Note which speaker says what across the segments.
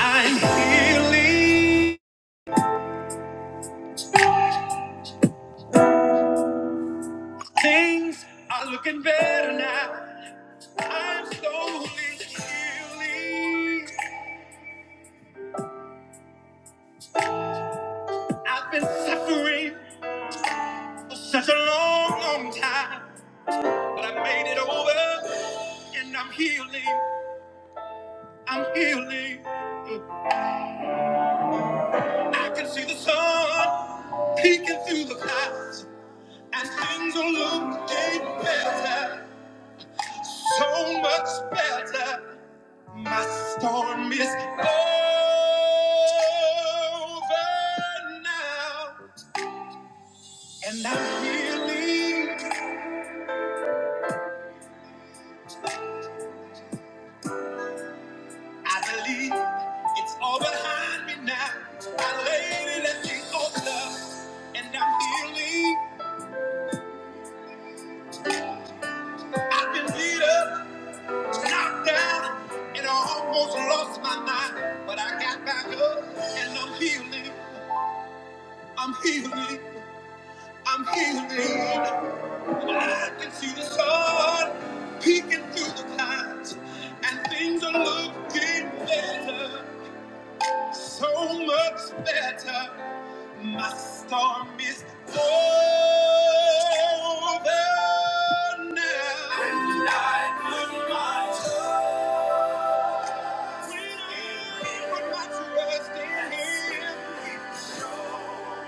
Speaker 1: I'm healing. Things are looking better now. I'm slowly healing. I've been suffering for such a long, long time. But I made it over and I'm healing. I'm healing. I can see the sun peeking through the clouds. And things are looking better. So much better. My storm is over now, and I'm healing. I believe it's all behind me now. I laid it at the altar, and I'm healing. I've been beat up, knocked down, and I almost lost my mind, but I got back up, and I'm healing. I'm healing. I'm healing. I can see the sun peeking through the clouds, and things are looking better, so much better. My storm is over now. And I put my trust When I in put my trust in Him. He showed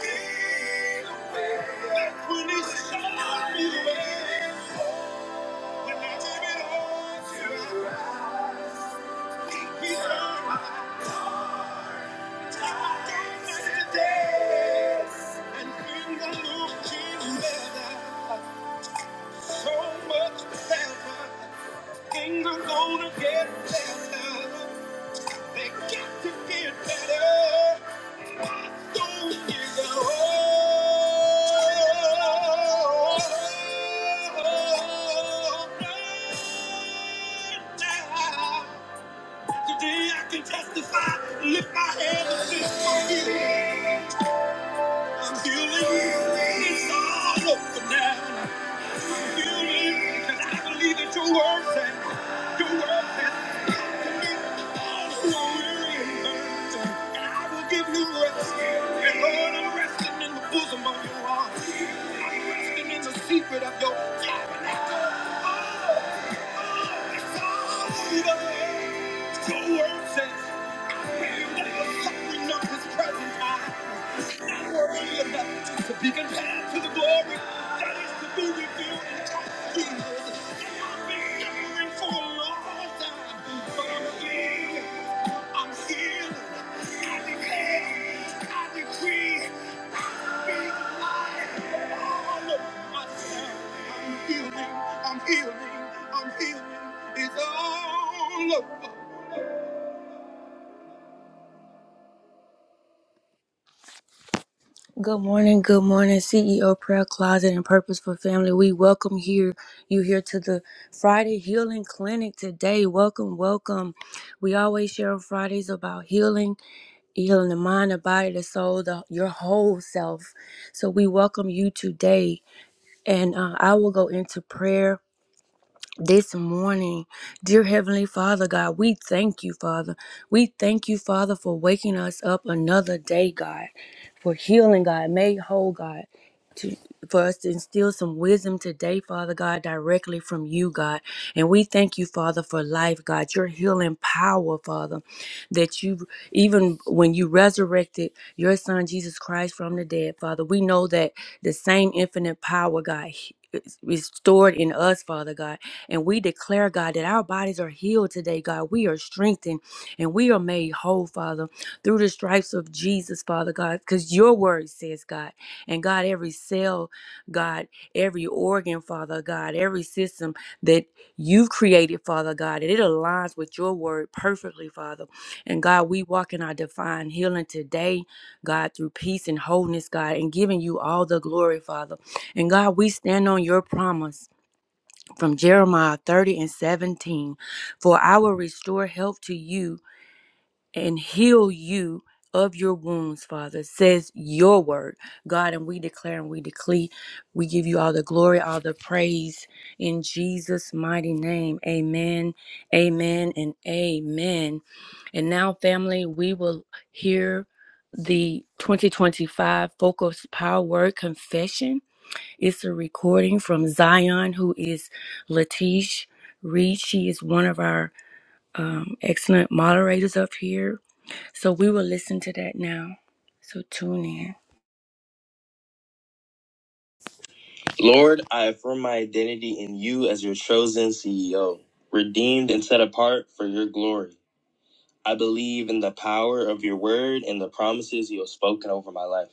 Speaker 1: me the way. That's when He showed me the way. Gonna get better. They got to get better. My soul is a Today I can testify, lift my hands and sing for healing. I'm feeling, it's all over now. I'm healing, cause I believe that your word said, your word said, come to me, all who are weary and burdened, and I will give you rest. And Lord, I'm resting in the bosom of your arms. I'm resting in the secret of your tabernacle. Oh, oh, it's all over. Your word says, I am but the suffering of Not worthy enough to be compared to the glory that is to be revealed in I've been suffering for a long time, but I'm healed. I'm healed. I declare, I decree, I speak life all over I'm healing, I'm healing, I'm healing. It's all over. Good morning, good morning, CEO Prayer Closet and Purposeful Family. We welcome here you here to the Friday Healing Clinic today. Welcome, welcome. We always share on Fridays about healing healing the mind, the body, the soul, the, your whole self. So we welcome you today. And uh, I will go into prayer this morning, dear Heavenly Father, God, we thank you, Father. We thank you, Father, for waking us up another day, God, for healing, God, made whole, God. To, for us to instill some wisdom today, Father God, directly from you, God. And we thank you, Father, for life, God, your healing power, Father, that you, even when you resurrected your Son, Jesus Christ, from the dead, Father, we know that the same infinite power, God, is is stored in us, Father God. And we declare, God, that our bodies are healed today, God. We are strengthened and we are made whole, Father, through the stripes of Jesus, Father God, because your word says, God, and God, every cell, God, every organ, Father God, every system that you've created, Father God, that it aligns with your word perfectly, Father. And God, we walk in our divine healing today, God, through peace and wholeness, God, and giving you all the glory, Father. And God, we stand on your promise from Jeremiah 30 and 17. For I will restore health to you and heal you of your wounds, Father, says your word. God, and we declare and we decree, we give you all the glory, all the praise in Jesus' mighty name. Amen, amen, and amen. And now, family, we will hear the 2025 Focus Power Word Confession. It's a recording from Zion, who is Latish Reed. She is one of our um, excellent moderators up here. So we will listen to that now. So tune in. Lord, I affirm my identity in you as your chosen CEO, redeemed and set apart for your glory. I believe in the power of your word and the promises you have spoken over my life.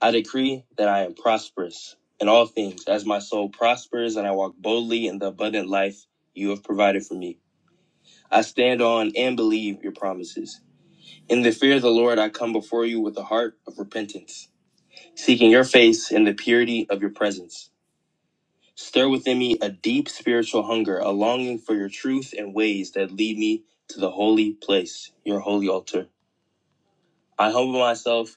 Speaker 1: I decree that I am prosperous in all things, as my soul prospers, and I walk boldly in the abundant life you have provided for me. I stand on and believe your promises. In the fear of the Lord, I come before you with a heart of repentance, seeking your face in the purity of your presence. Stir within me a deep spiritual hunger, a longing for your truth and ways that lead me to the holy place, your holy altar. I humble myself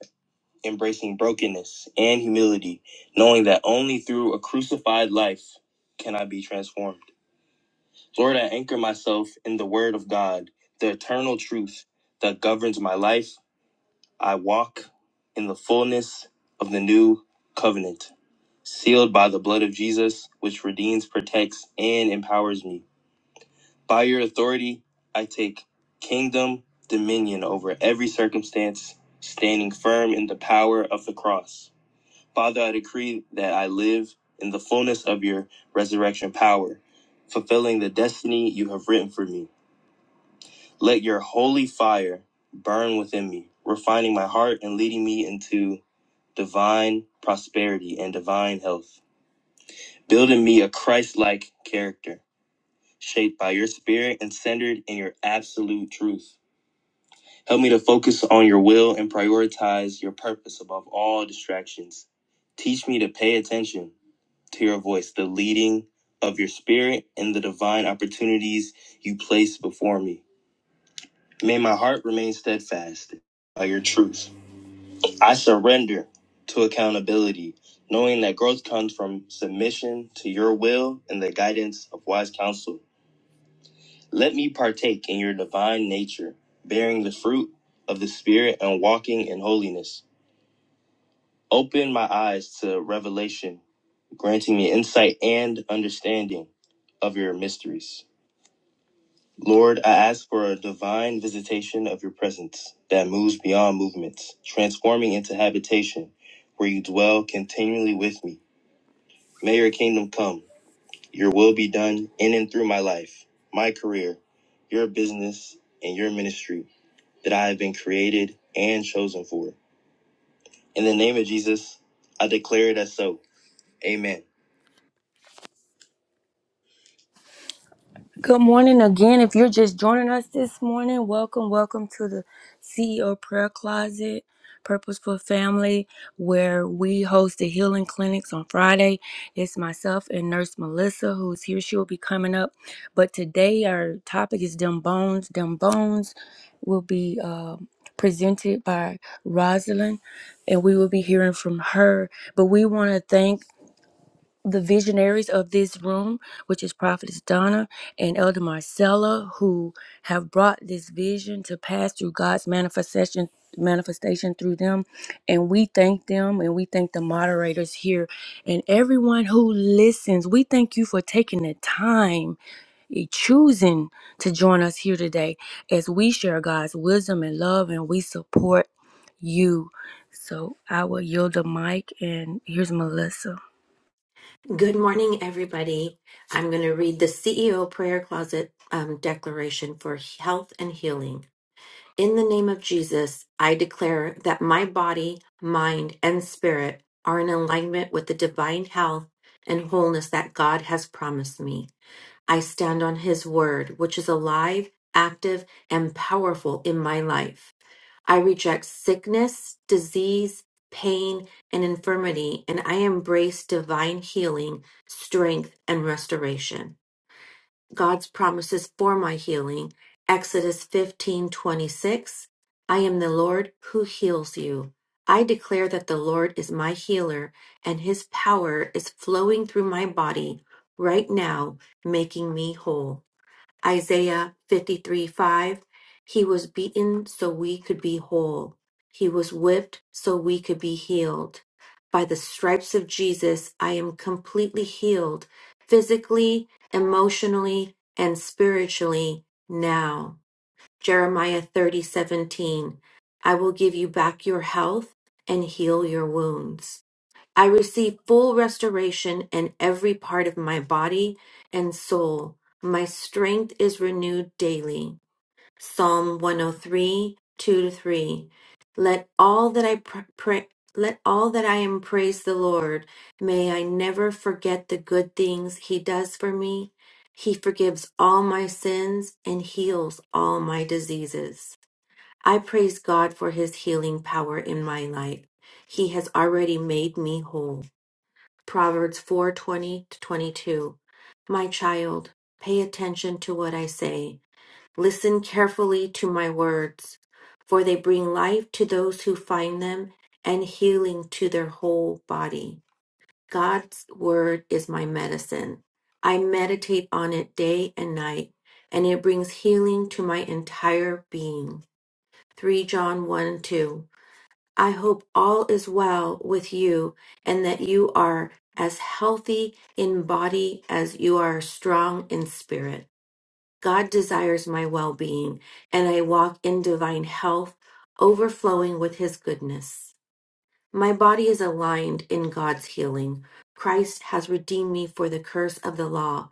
Speaker 1: embracing brokenness and humility, knowing that only through a crucified life can I be transformed. Lord, I anchor myself in the Word of God, the eternal truth that governs my life. I walk in the fullness of the new covenant, sealed by the blood of Jesus, which redeems, protects, and empowers me. By your authority, I take kingdom dominion over every circumstance, standing firm in the power of the cross. Father, I decree that I live in the fullness of your resurrection power, fulfilling the destiny you have written for me. Let your holy fire burn within me, refining my heart and leading me into divine prosperity and divine health, building me a Christ like character, shaped by your spirit and centered in your absolute truth. Help me to focus on your will and prioritize your purpose above all distractions. Teach me to pay attention to your voice, the leading of your spirit, and the divine opportunities you place before me. May my heart remain steadfast by your truth. I surrender to accountability, knowing that growth comes from submission to your will and the guidance of wise counsel. Let me partake in your divine nature, bearing the fruit of the Spirit and walking in holiness. Open my eyes to revelation, granting me insight and understanding of your mysteries. Lord, I ask for a divine visitation of your presence that moves beyond movements, transforming into habitation where you dwell continually with me. May your kingdom come, your will be done in and through my life, my career, your business, and your ministry that I have been created and chosen for. In the name of Jesus, I declare it as so. Amen. Good morning again. If you're just joining us this morning, welcome, welcome to the CEO Prayer Closet, Purposeful Family, where we host the healing clinics on Friday. It's myself and Nurse Melissa who's here. She will be coming up. But today our topic is Dumb Bones. Dumb Bones will be uh, presented by Rosalind, and we will be hearing from her. But we want to thank the visionaries of this room, which is Prophetess Donna and Elder Marcella, who have brought this vision to pass through God's manifestation manifestation through them. And we thank them and we thank the moderators here and everyone who listens. We thank you for taking the time eh, choosing to join us here today as we share God's wisdom and love and we support you. So I will yield the mic and here's Melissa.
Speaker 2: Good morning, everybody. I'm going to read the CEO Prayer Closet um, Declaration for Health and Healing. In the name of Jesus, I declare that my body, mind, and spirit are in alignment with the divine health and wholeness that God has promised me. I stand on His word, which is alive, active, and powerful in my life. I reject sickness, disease, pain, and infirmity, and I embrace divine healing, strength, and restoration. God's promises for my healing. Exodus 15:26. I am the Lord who heals you. I declare that the Lord is my healer and his power is flowing through my body right now, making me whole. Isaiah 53 5. He was beaten so we could be whole. He was whipped so we could be healed. By the stripes of Jesus, I am completely healed physically, emotionally, and spiritually now. Jeremiah thirty seventeen. I will give you back your health and heal your wounds. I receive full restoration in every part of my body and soul. My strength is renewed daily. Psalm one o three two to 3. Let all that I pr- pray. Let all that I am praise the Lord. May I never forget the good things He does for me. He forgives all my sins and heals all my diseases. I praise God for His healing power in my life. He has already made me whole. Proverbs 4:20 to 22. My child, pay attention to what I say. Listen carefully to my words, for they bring life to those who find them and healing to their whole body. God's word is my medicine. I meditate on it day and night, and it brings healing to my entire being. 3 John 1 2. I hope all is well with you and that you are as healthy in body as you are strong in spirit. God desires my well being, and I walk in divine health, overflowing with his goodness. My body is aligned in God's healing. Christ has redeemed me for the curse of the law.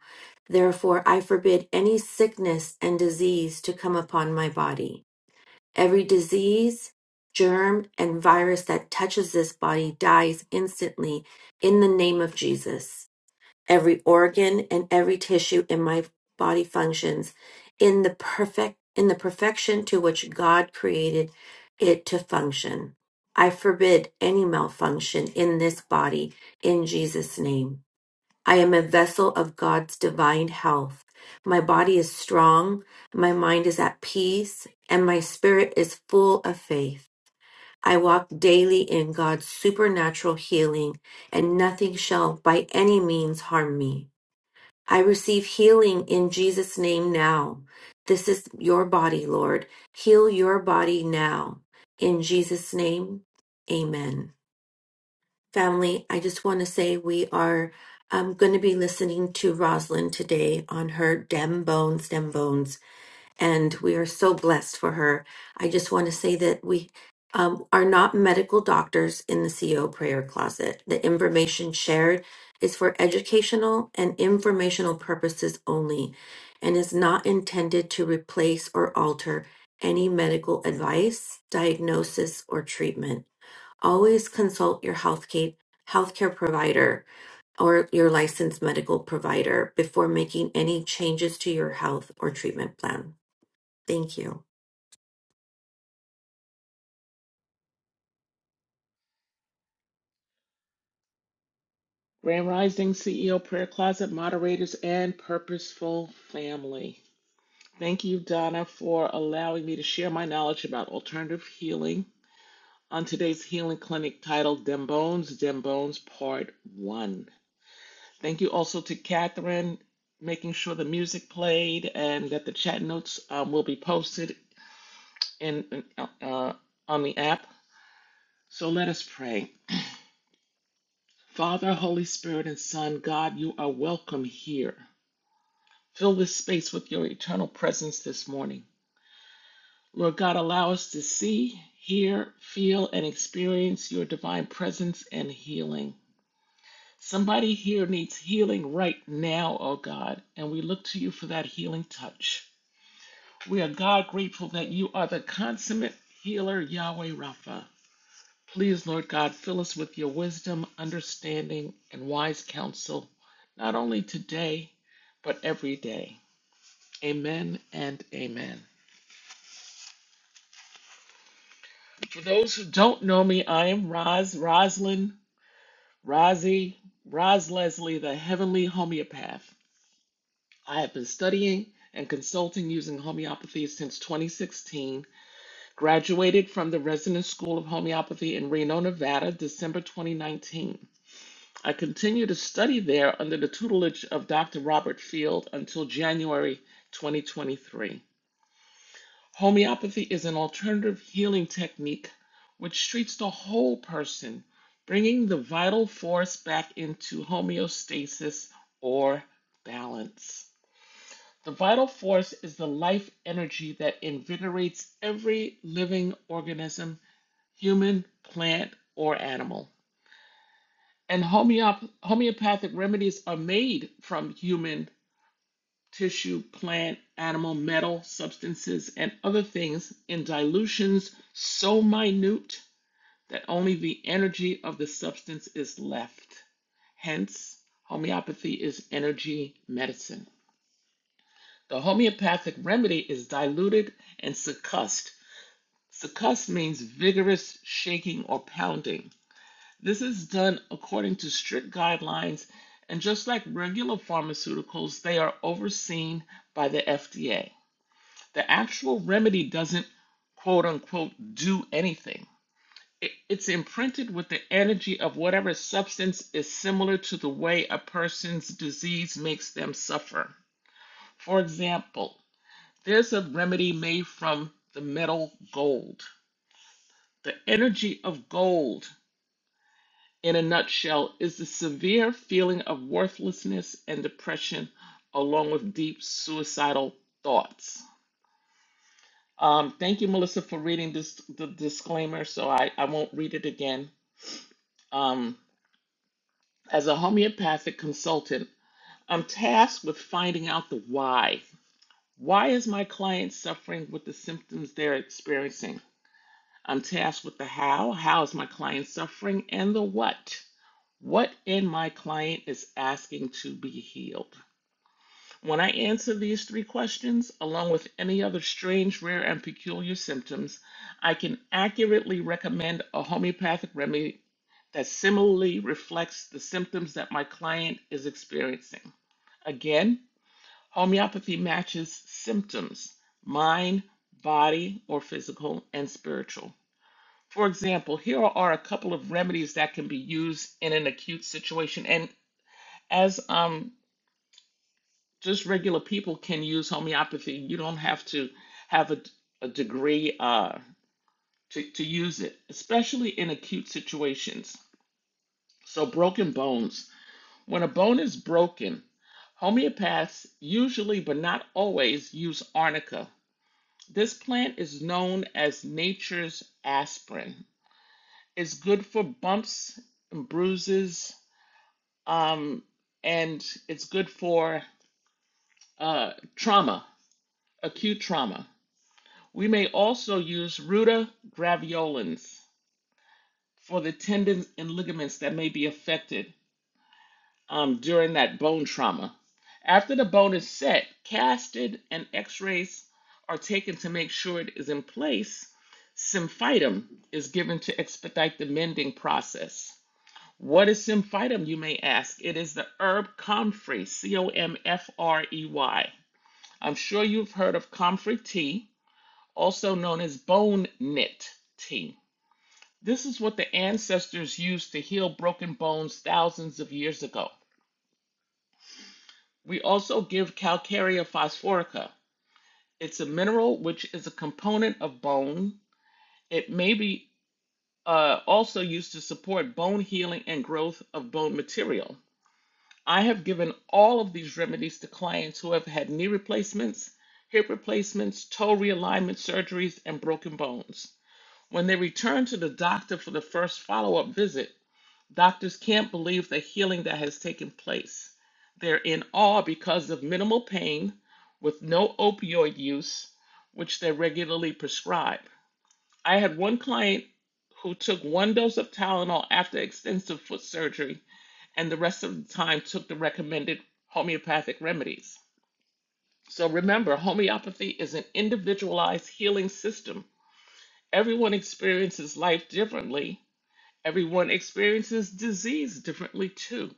Speaker 2: Therefore, I forbid any sickness and disease to come upon my body. Every disease, germ, and virus that touches this body dies instantly in the name of Jesus. Every organ and every tissue in my body functions in the perfect in the perfection to which God created it to function. I forbid any malfunction in this body in Jesus name. I am a vessel of God's divine health. My body is strong, my mind is at peace, and my spirit is full of faith. I walk daily in God's supernatural healing, and nothing shall by any means harm me. I receive healing in Jesus' name now. This is your body, Lord. Heal your body now. In Jesus' name, amen. Family, I just want to say we are um, going to be listening to Rosalind today on her Dem Bones, Dem Bones, and we are so blessed for her. I just want to say that we um, are not medical doctors in the CO prayer closet. The information shared is for educational and informational purposes only and is not intended to replace or alter any medical advice, diagnosis, or treatment always consult your healthcare healthcare provider or your licensed medical provider before making any changes to your health or treatment plan. Thank you.
Speaker 3: Grand Rising CEO Prayer Closet moderators and purposeful family. Thank you, Donna, for allowing me to share my knowledge about alternative healing on today's healing clinic titled Dem Bones, Dem Bones Part 1. Thank you also to Catherine, making sure the music played and that the chat notes um, will be posted in, in, uh, on the app. So let us pray. Father, Holy Spirit, and Son, God, you are welcome here. Fill this space with your eternal presence this morning. Lord God, allow us to see, hear, feel, and experience your divine presence and healing. Somebody here needs healing right now, oh God, and we look to you for that healing touch. We are God grateful that you are the consummate healer, Yahweh Rapha. Please, Lord God, fill us with your wisdom, understanding, and wise counsel, not only today, but every day. Amen and amen. For those who don't know me, I am Roz, Roslyn, Rozzy, Roz Leslie, the heavenly homeopath. I have been studying and consulting using homeopathy since 2016, graduated from the Resident School of Homeopathy in Reno, Nevada, December 2019. I continue to study there under the tutelage of Dr. Robert Field until January 2023. Homeopathy is an alternative healing technique which treats the whole person, bringing the vital force back into homeostasis or balance. The vital force is the life energy that invigorates every living organism, human, plant, or animal. And homeop- homeopathic remedies are made from human tissue, plant, animal, metal, substances, and other things in dilutions so minute that only the energy of the substance is left. Hence, homeopathy is energy medicine. The homeopathic remedy is diluted and succussed. Succussed means vigorous shaking or pounding. This is done according to strict guidelines, and just like regular pharmaceuticals, they are overseen by the FDA. The actual remedy doesn't quote unquote do anything. It's imprinted with the energy of whatever substance is similar to the way a person's disease makes them suffer. For example, there's a remedy made from the metal gold. The energy of gold, in a nutshell, is the severe feeling of worthlessness and depression, along with deep suicidal thoughts. Um, thank you, Melissa, for reading this the disclaimer, so I, I won't read it again. Um, as a homeopathic consultant, I'm tasked with finding out the why. Why is my client suffering with the symptoms they're experiencing? I'm tasked with the how. How is my client suffering? And the what. What in my client is asking to be healed? When I answer these three questions, along with any other strange, rare, and peculiar symptoms, I can accurately recommend a homeopathic remedy that similarly reflects the symptoms that my client is experiencing. Again, homeopathy matches symptoms mind, body, or physical and spiritual. For example, here are a couple of remedies that can be used in an acute situation. And as I'm just regular people can use homeopathy. You don't have to have a, a degree uh, to, to use it, especially in acute situations. So, broken bones. When a bone is broken, homeopaths usually, but not always, use arnica. This plant is known as nature's aspirin. It's good for bumps and bruises, um, and it's good for uh, trauma, acute trauma. We may also use ruta graveolens for the tendons and ligaments that may be affected um, during that bone trauma. After the bone is set, casted and x rays are taken to make sure it is in place. Symphytum is given to expedite the mending process. What is symphytum, you may ask? It is the herb comfrey, C O M F R E Y. I'm sure you've heard of comfrey tea, also known as bone knit tea. This is what the ancestors used to heal broken bones thousands of years ago. We also give calcarea phosphorica. It's a mineral which is a component of bone. It may be uh, also used to support bone healing and growth of bone material. I have given all of these remedies to clients who have had knee replacements, hip replacements, toe realignment surgeries, and broken bones. When they return to the doctor for the first follow up visit, Doctors can't believe the healing that has taken place. They're in awe because of minimal pain with no opioid use, which they regularly prescribe. I had one client who took one dose of Tylenol after extensive foot surgery and the rest of the time took the recommended homeopathic remedies. So remember, homeopathy is an individualized healing system. Everyone experiences life differently, everyone experiences disease differently too.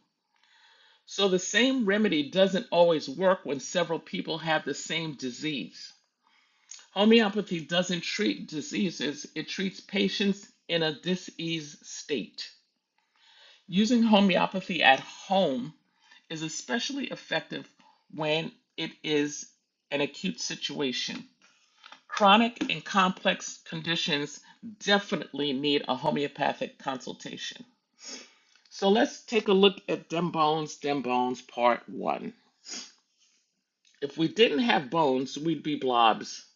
Speaker 3: So the same remedy doesn't always work when several people have the same disease. Homeopathy doesn't treat diseases, it treats patients in a diseased state. Using homeopathy at home is especially effective when it is an acute situation. Chronic and complex conditions definitely need a homeopathic consultation. So let's take a look at Dembones, Dembones Part 1. If we didn't have bones, we'd be blobs.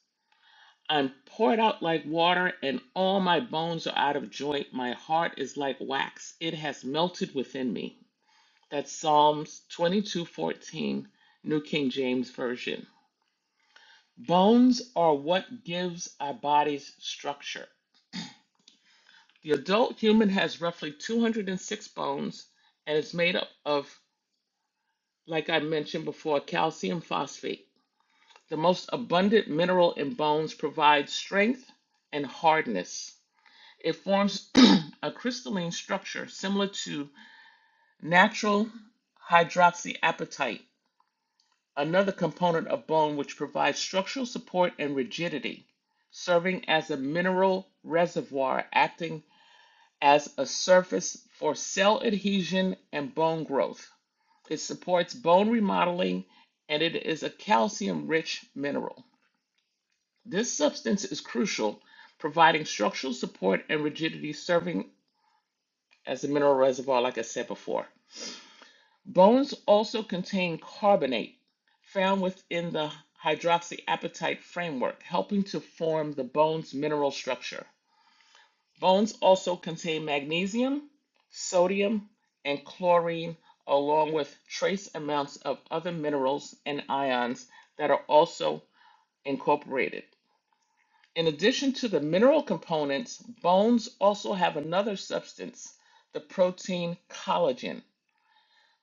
Speaker 3: I'm poured out like water, and all my bones are out of joint. My heart is like wax, it has melted within me. That's Psalms 22:14, New King James Version. Bones are what gives our bodies structure. The adult human has roughly 206 bones and is made up of, like I mentioned before, calcium phosphate. The most abundant mineral in bones provides strength and hardness. It forms a crystalline structure similar to natural hydroxyapatite, another component of bone which provides structural support and rigidity, serving as a mineral reservoir acting as a surface for cell adhesion and bone growth. It supports bone remodeling and it is a calcium rich mineral. This substance is crucial, providing structural support and rigidity, serving as a mineral reservoir, like I said before. Bones also contain carbonate, found within the hydroxyapatite framework, helping to form the bone's mineral structure. Bones also contain magnesium, sodium, and chlorine, along with trace amounts of other minerals and ions that are also incorporated. In addition to the mineral components, bones also have another substance, the protein collagen.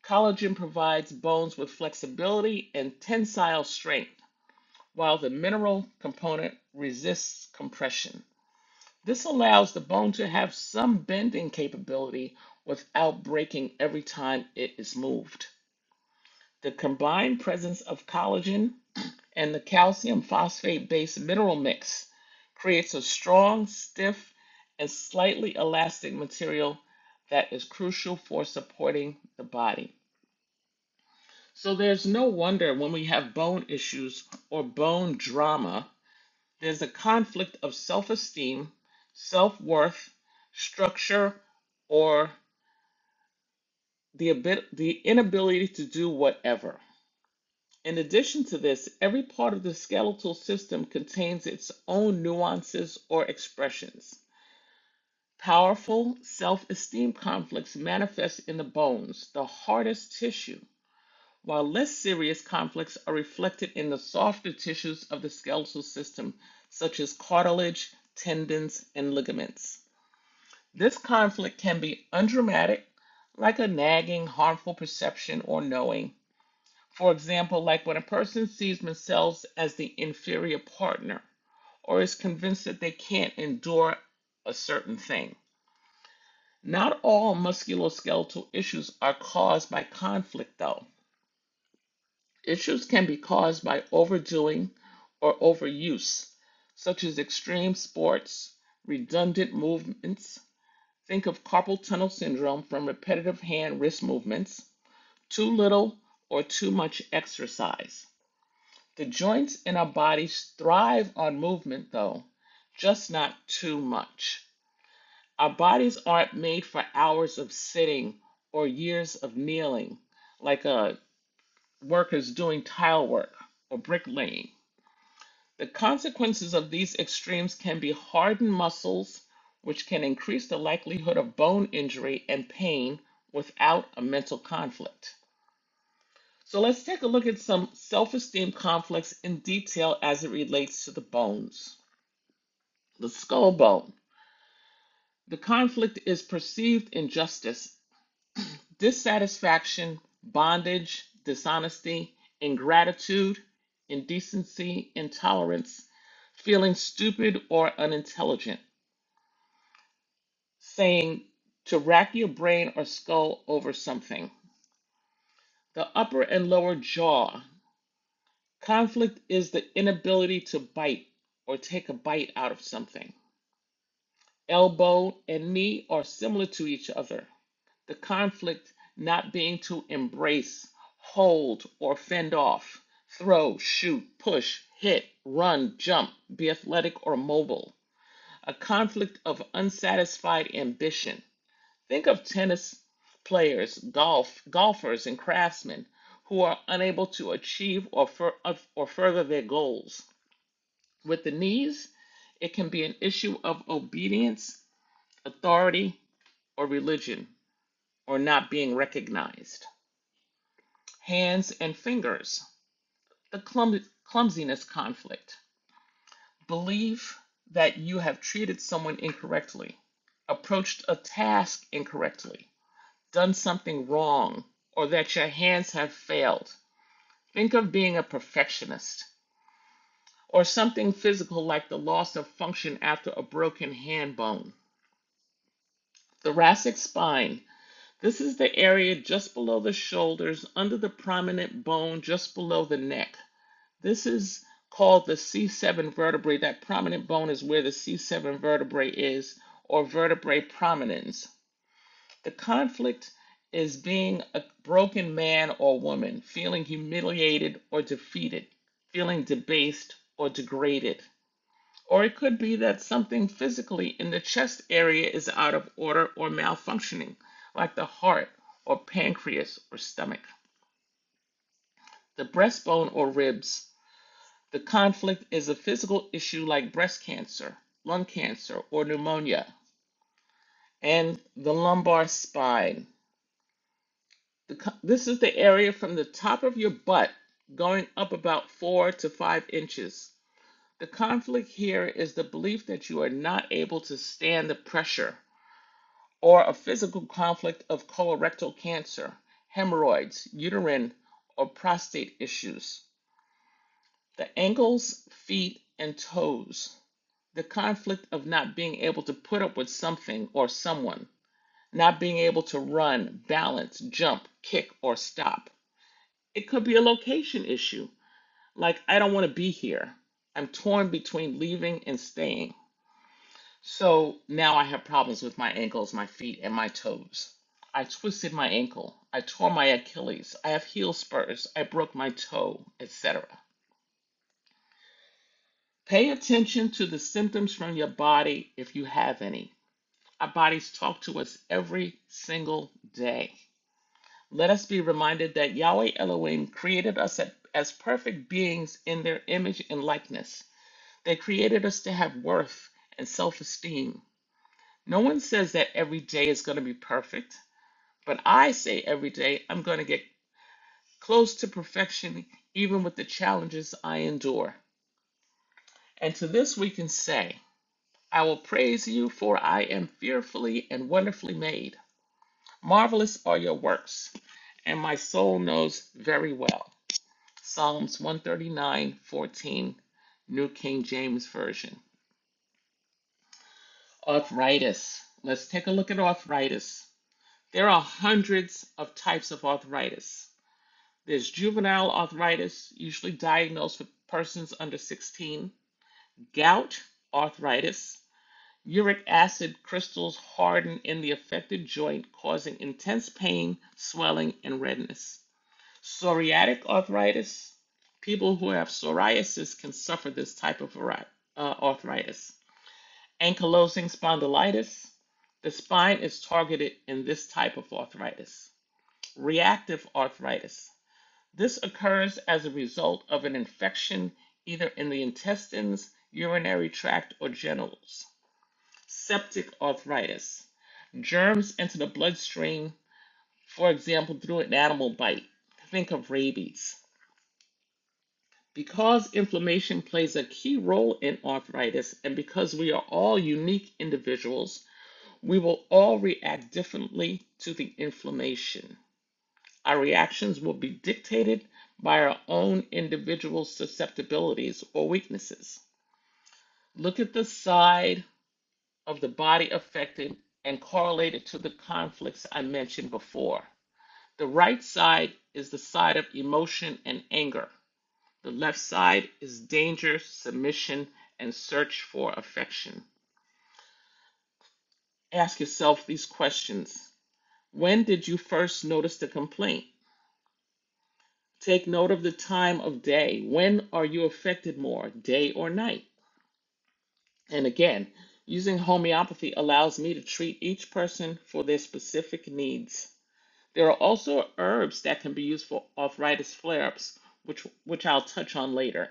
Speaker 3: Collagen provides bones with flexibility and tensile strength, while the mineral component resists compression. This allows the bone to have some bending capability without breaking every time it is moved. The combined presence of collagen and the calcium phosphate based mineral mix creates a strong, stiff, and slightly elastic material that is crucial for supporting the body. So there's no wonder when we have bone issues or bone drama, there's a conflict of self esteem, self worth, structure, or the, abi- the inability to do whatever. In addition to this, every part of the skeletal system contains its own nuances or expressions. Powerful self esteem conflicts manifest in the bones, the hardest tissue, while less serious conflicts are reflected in the softer tissues of the skeletal system, such as cartilage, tendons, and ligaments. This conflict can be undramatic, like a nagging, harmful perception or knowing, for example, like when a person sees themselves as the inferior partner or is convinced that they can't endure a certain thing. Not all musculoskeletal issues are caused by conflict, though. Issues can be caused by overdoing or overuse, such as extreme sports, redundant movements. Think of carpal tunnel syndrome from repetitive hand wrist movements, too little or too much exercise. The joints in our bodies thrive on movement, though, just not too much. Our bodies aren't made for hours of sitting or years of kneeling, like a workers doing tile work or bricklaying. The consequences of these extremes can be hardened muscles, which can increase the likelihood of bone injury and pain without a mental conflict. So let's take a look at some self-esteem conflicts in detail as it relates to the bones. The skull bone. The conflict is perceived injustice, dissatisfaction, bondage, dishonesty, ingratitude, indecency, intolerance, feeling stupid or unintelligent, saying to rack your brain or skull over something. The upper and lower jaw. Conflict is the inability to bite or take a bite out of something. elbow, and knee are similar to each other, the conflict not being to embrace, hold, or fend off, throw, shoot, push, hit, run, jump, be athletic or mobile, a conflict of unsatisfied ambition. Think of tennis players, golf, golfers, and craftsmen who are unable to achieve or, fur- or further their goals. With the knees, it can be an issue of obedience, authority, or religion, or not being recognized. Hands and fingers, the clum- clumsiness conflict. Believe that you have treated someone incorrectly, approached a task incorrectly, done something wrong, or that your hands have failed. Think of being a perfectionist, or something physical like the loss of function after a broken hand bone. Thoracic spine, This is the area just below the shoulders, under the prominent bone just below the neck. This is called the C7 vertebrae. That prominent bone is where the C7 vertebrae is, or vertebrae prominence. The conflict is being a broken man or woman, feeling humiliated or defeated, feeling debased or degraded. Or it could be that something physically in the chest area is out of order or malfunctioning, like the heart or pancreas or stomach, the breastbone or ribs. The conflict is a physical issue like breast cancer, lung cancer, or pneumonia, and the lumbar spine. The this is the area from the top of your butt going up about four to five inches. The conflict here is the belief that you are not able to stand the pressure or a physical conflict of colorectal cancer, hemorrhoids, uterine or prostate issues, the ankles, feet, and toes, the conflict of not being able to put up with something or someone, not being able to run, balance, jump, kick, or stop. It could be a location issue, like I don't want to be here. I'm torn between leaving and staying. So now I have problems with my ankles, my feet, and my toes. I twisted my ankle. I tore my Achilles. I have heel spurs. I broke my toe, etc. Pay attention to the symptoms from your body if you have any. Our bodies talk to us every single day. Let us be reminded that Yahweh Elohim created us as perfect beings in their image and likeness. They created us to have worth and self esteem. No one says that every day is going to be perfect. But I say every day, I'm going to get close to perfection, even with the challenges I endure. And to this we can say, I will praise you, for I am fearfully and wonderfully made. Marvelous are your works, and my soul knows very well. Psalms 139:14, New King James Version. Arthritis. Let's take a look at arthritis. There are hundreds of types of arthritis. There's juvenile arthritis, usually diagnosed with persons under 16, gout arthritis. Uric acid crystals harden in the affected joint, causing intense pain, swelling, and redness. Psoriatic arthritis. People who have psoriasis can suffer this type of uh, arthritis. Ankylosing spondylitis. The spine is targeted in this type of arthritis. Reactive arthritis this occurs as a result of an infection either in the intestines, urinary tract, or genitals. Septic arthritis. Germs enter the bloodstream, for example, through an animal bite. Think of rabies. Because inflammation plays a key role in arthritis, and because we are all unique individuals, we will all react differently to the inflammation. Our reactions will be dictated by our own individual susceptibilities or weaknesses. Look at the side of the body affected and correlate it to the conflicts I mentioned before. The right side is the side of emotion and anger. The left side is danger, submission, and search for affection. Ask yourself these questions When did you first notice the complaint? Take note of the time of day. When are you affected more, day or night? And again, using homeopathy allows me to treat each person for their specific needs. There are also herbs that can be used for arthritis flare ups, which, which I'll touch on later.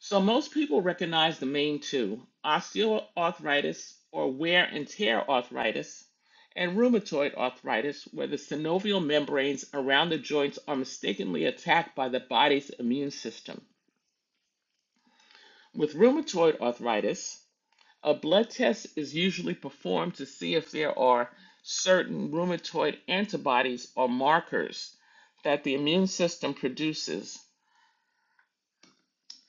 Speaker 3: So most people recognize the main two, osteoarthritis or wear and tear arthritis, and rheumatoid arthritis, where the synovial membranes around the joints are mistakenly attacked by the body's immune system. With rheumatoid arthritis, a blood test is usually performed to see if there are certain rheumatoid antibodies or markers that the immune system produces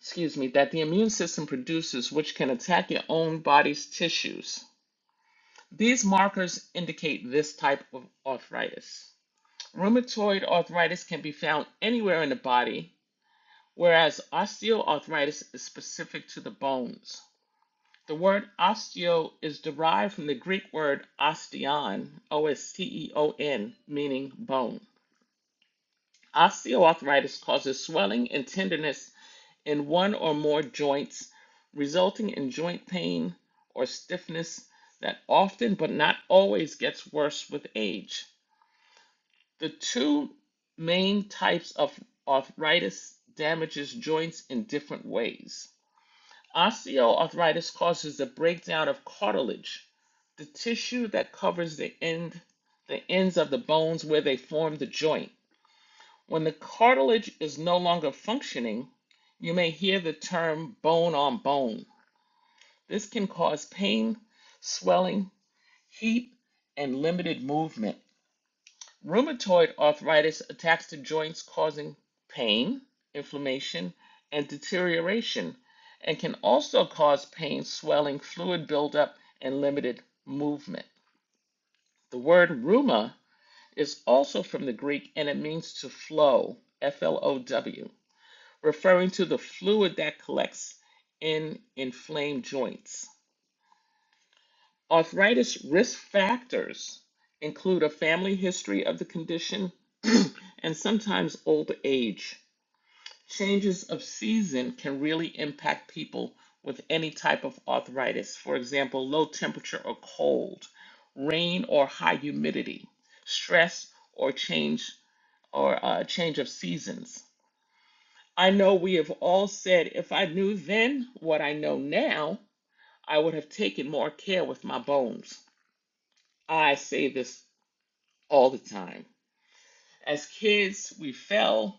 Speaker 3: excuse me, that the immune system produces, which can attack your own body's tissues. These markers indicate this type of arthritis. Rheumatoid arthritis can be found anywhere in the body, whereas osteoarthritis is specific to the bones. The word osteo is derived from the Greek word osteon, O S T E O N, meaning bone. Osteoarthritis causes swelling and tenderness in one or more joints, resulting in joint pain or stiffness that often but not always gets worse with age. The two main types of arthritis damages joints in different ways. Osteoarthritis causes the breakdown of cartilage, the tissue that covers the end the ends of the bones where they form the joint. When the cartilage is no longer functioning, you may hear the term bone on bone. This can cause pain, swelling, heat, and limited movement. Rheumatoid arthritis attacks the joints, causing pain, inflammation, and deterioration, and can also cause pain, swelling, fluid buildup, and limited movement. The word rheuma is also from the Greek and it means to flow, F L O W. referring to the fluid that collects in inflamed joints. Arthritis risk factors include a family history of the condition and sometimes old age. Changes of season can really impact people with any type of arthritis, for example, low temperature or cold, rain or high humidity, stress or change or uh, change of seasons. I know we have all said, if I knew then what I know now, I would have taken more care with my bones. I say this all the time. As kids, we fell,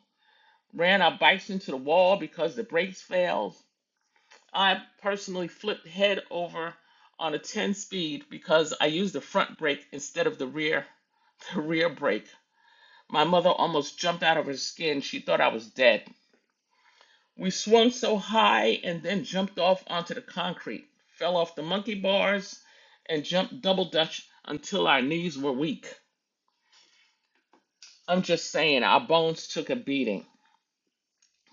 Speaker 3: ran our bikes into the wall because the brakes failed. I personally flipped head over on a 10 speed because I used the front brake instead of the rear, the rear brake. My mother almost jumped out of her skin. She thought I was dead. We swung so high and then jumped off onto the concrete, fell off the monkey bars, and jumped double dutch until our knees were weak. I'm just saying, our bones took a beating,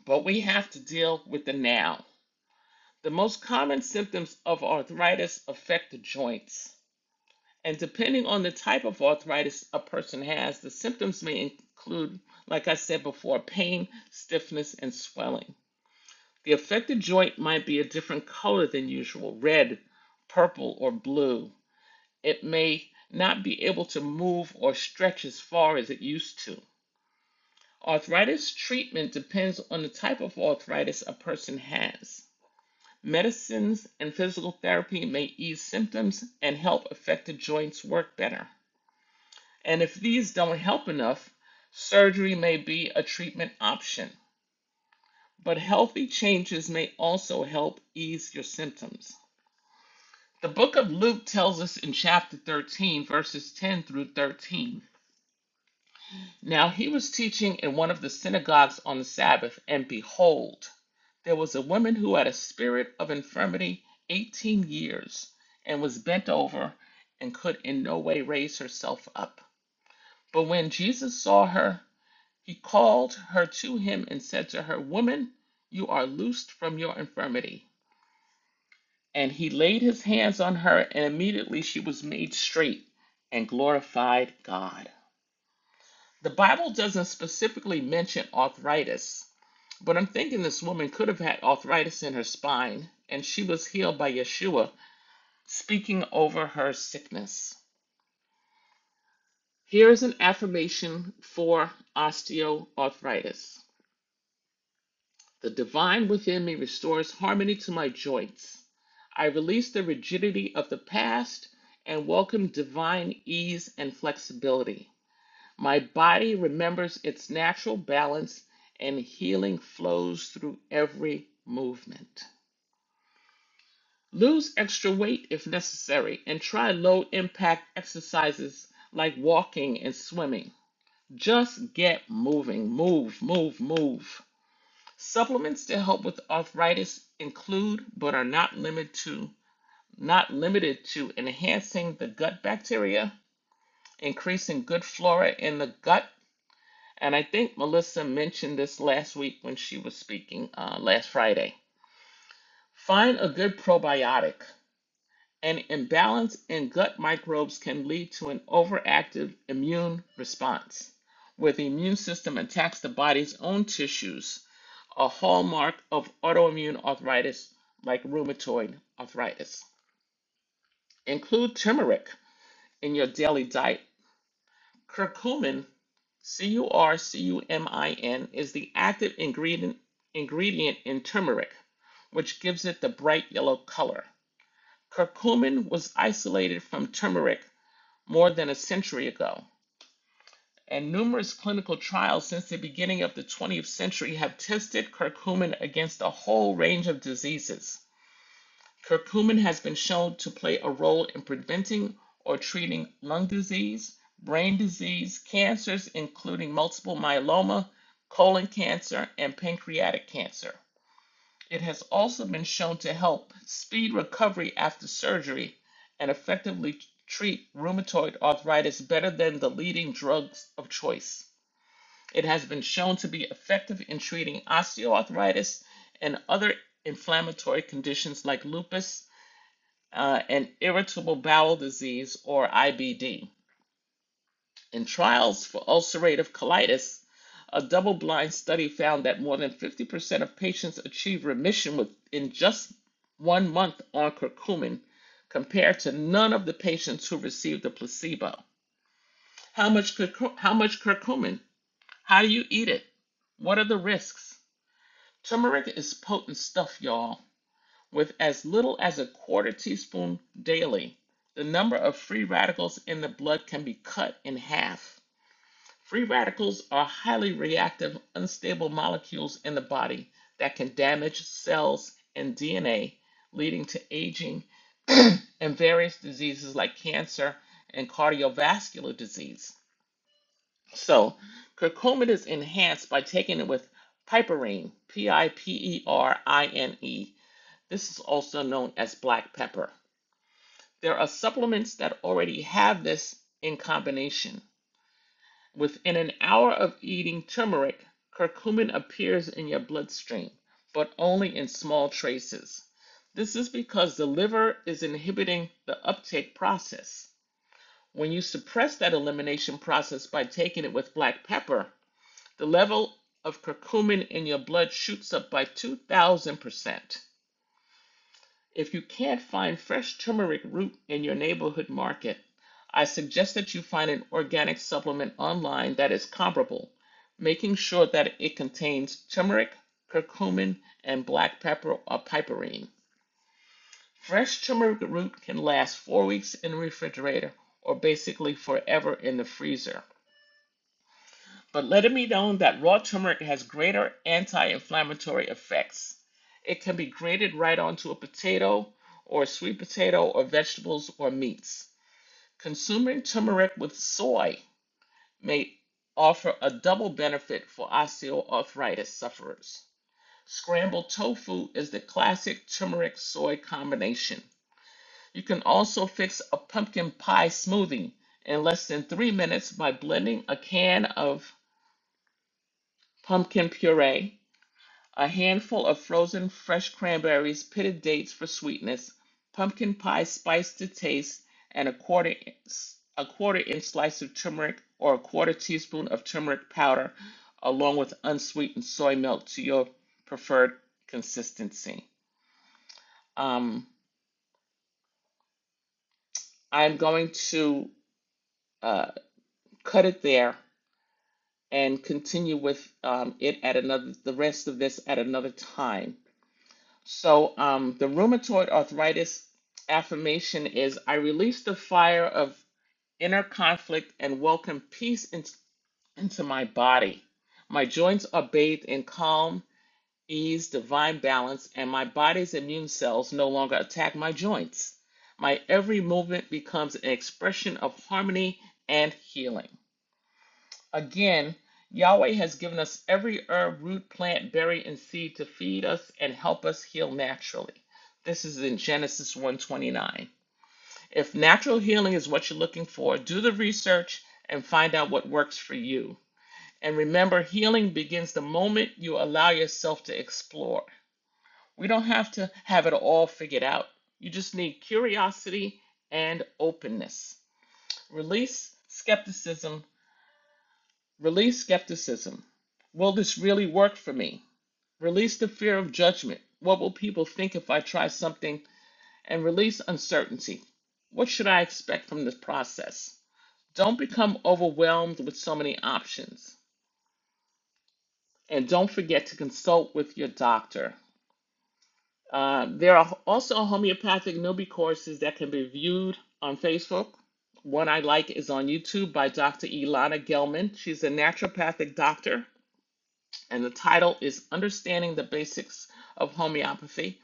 Speaker 3: but we have to deal with the now. The most common symptoms of arthritis affect the joints, and depending on the type of arthritis a person has, the symptoms may include, like I said before, pain, stiffness, and swelling. The affected joint might be a different color than usual red, purple, or blue. It may not be able to move or stretch as far as it used to. Arthritis treatment depends on the type of arthritis a person has. Medicines and physical therapy may ease symptoms and help affected joints work better. And if these don't help enough, surgery may be a treatment option. But healthy changes may also help ease your symptoms. The book of Luke tells us in chapter 13, verses 10 through 13. Now he was teaching in one of the synagogues on the Sabbath, and behold, there was a woman who had a spirit of infirmity 18 years, and was bent over, and could in no way raise herself up. But when Jesus saw her, he called her to him and said to her, Woman, you are loosed from your infirmity. And he laid his hands on her, and immediately she was made straight and glorified God. The Bible doesn't specifically mention arthritis, but I'm thinking this woman could have had arthritis in her spine, and she was healed by Yeshua speaking over her sickness. Here is an affirmation for osteoarthritis The divine within me restores harmony to my joints. I release the rigidity of the past and welcome divine ease and flexibility. My body remembers its natural balance and healing flows through every movement. Lose extra weight if necessary and try low impact exercises like walking and swimming. Just get moving. Move, move, move. Supplements to help with arthritis include, but are not limited to, not limited to enhancing the gut bacteria, increasing good flora in the gut, and I think Melissa mentioned this last week when she was speaking uh, last Friday. Find a good probiotic. An imbalance in gut microbes can lead to an overactive immune response, where the immune system attacks the body's own tissues a hallmark of autoimmune arthritis like rheumatoid arthritis. Include turmeric in your daily diet. Curcumin, C U R C U M I N, is the active ingredient, ingredient in turmeric, which gives it the bright yellow color. Curcumin was isolated from turmeric more than a century ago, and numerous clinical trials since the beginning of the 20th century have tested curcumin against a whole range of diseases. Curcumin has been shown to play a role in preventing or treating lung disease, brain disease, cancers, including multiple myeloma, colon cancer, and pancreatic cancer. It has also been shown to help speed recovery after surgery and effectively treat rheumatoid arthritis better than the leading drugs of choice. It has been shown to be effective in treating osteoarthritis and other inflammatory conditions like lupus uh, and irritable bowel disease, or IBD. In trials for ulcerative colitis, a double blind study found that more than 50% of patients achieve remission within just one month on curcumin, compared to none of the patients who received a placebo. How much, curcu- how much curcumin? How do you eat it? What are the risks? Turmeric is potent stuff, y'all. with as little as a quarter teaspoon daily, the number of free radicals in the blood can be cut in half. Free radicals are highly reactive, unstable molecules in the body that can damage cells and DNA, leading to aging and various diseases like cancer and cardiovascular disease. So, curcumin is enhanced by taking it with piperine, P I P E R I N E, this is also known as black pepper. There are supplements that already have this in combination. Within an hour of eating turmeric, curcumin appears in your bloodstream, but only in small traces. This is because the liver is inhibiting the uptake process. When you suppress that elimination process by taking it with black pepper, the level of curcumin in your blood shoots up by 2,000%. If you can't find fresh turmeric root in your neighborhood market, I suggest that you find an organic supplement online that is comparable, making sure that it contains turmeric, curcumin, and black pepper or piperine. Fresh turmeric root can last four weeks in the refrigerator or basically forever in the freezer. But let it be known that raw turmeric has greater anti inflammatory effects. It can be grated right onto a potato or a sweet potato or vegetables or meats. Consuming turmeric with soy may offer a double benefit for osteoarthritis sufferers. Scrambled tofu is the classic turmeric soy combination. You can also fix a pumpkin pie smoothie in less than three minutes by blending a can of pumpkin puree a handful of frozen fresh cranberries, pitted dates for sweetness, pumpkin pie spice to taste, and a quarter a quarter inch slice of turmeric or a quarter teaspoon of turmeric powder, along with unsweetened soy milk to your preferred consistency. Um, I'm going to uh, cut it there and continue with um, it at another the rest of this at another time. So, um, the rheumatoid arthritis affirmation is I release the fire of inner conflict and welcome peace in- into my body. My joints are bathed in calm, ease, divine balance, and my body's immune cells no longer attack my joints. My every movement becomes an expression of harmony and healing. Again, Yahweh has given us every herb, root, plant, berry, and seed to feed us and help us heal naturally. This is in Genesis one twenty-nine. If natural healing is what you're looking for, do the research and find out what works for you. And remember, healing begins the moment you allow yourself to explore. We don't have to have it all figured out. You just need curiosity and openness. Release skepticism Release skepticism. Will this really work for me? Release the fear of judgment. What will people think if I try something? And release uncertainty. What should I expect from this process? Don't become overwhelmed with so many options. And don't forget to consult with your doctor. Uh, there are also homeopathic newbie courses that can be viewed on Facebook. One I like is on YouTube by Dr. Ilana Gelman. She's a naturopathic doctor and the title is Understanding the Basics of Homeopathy.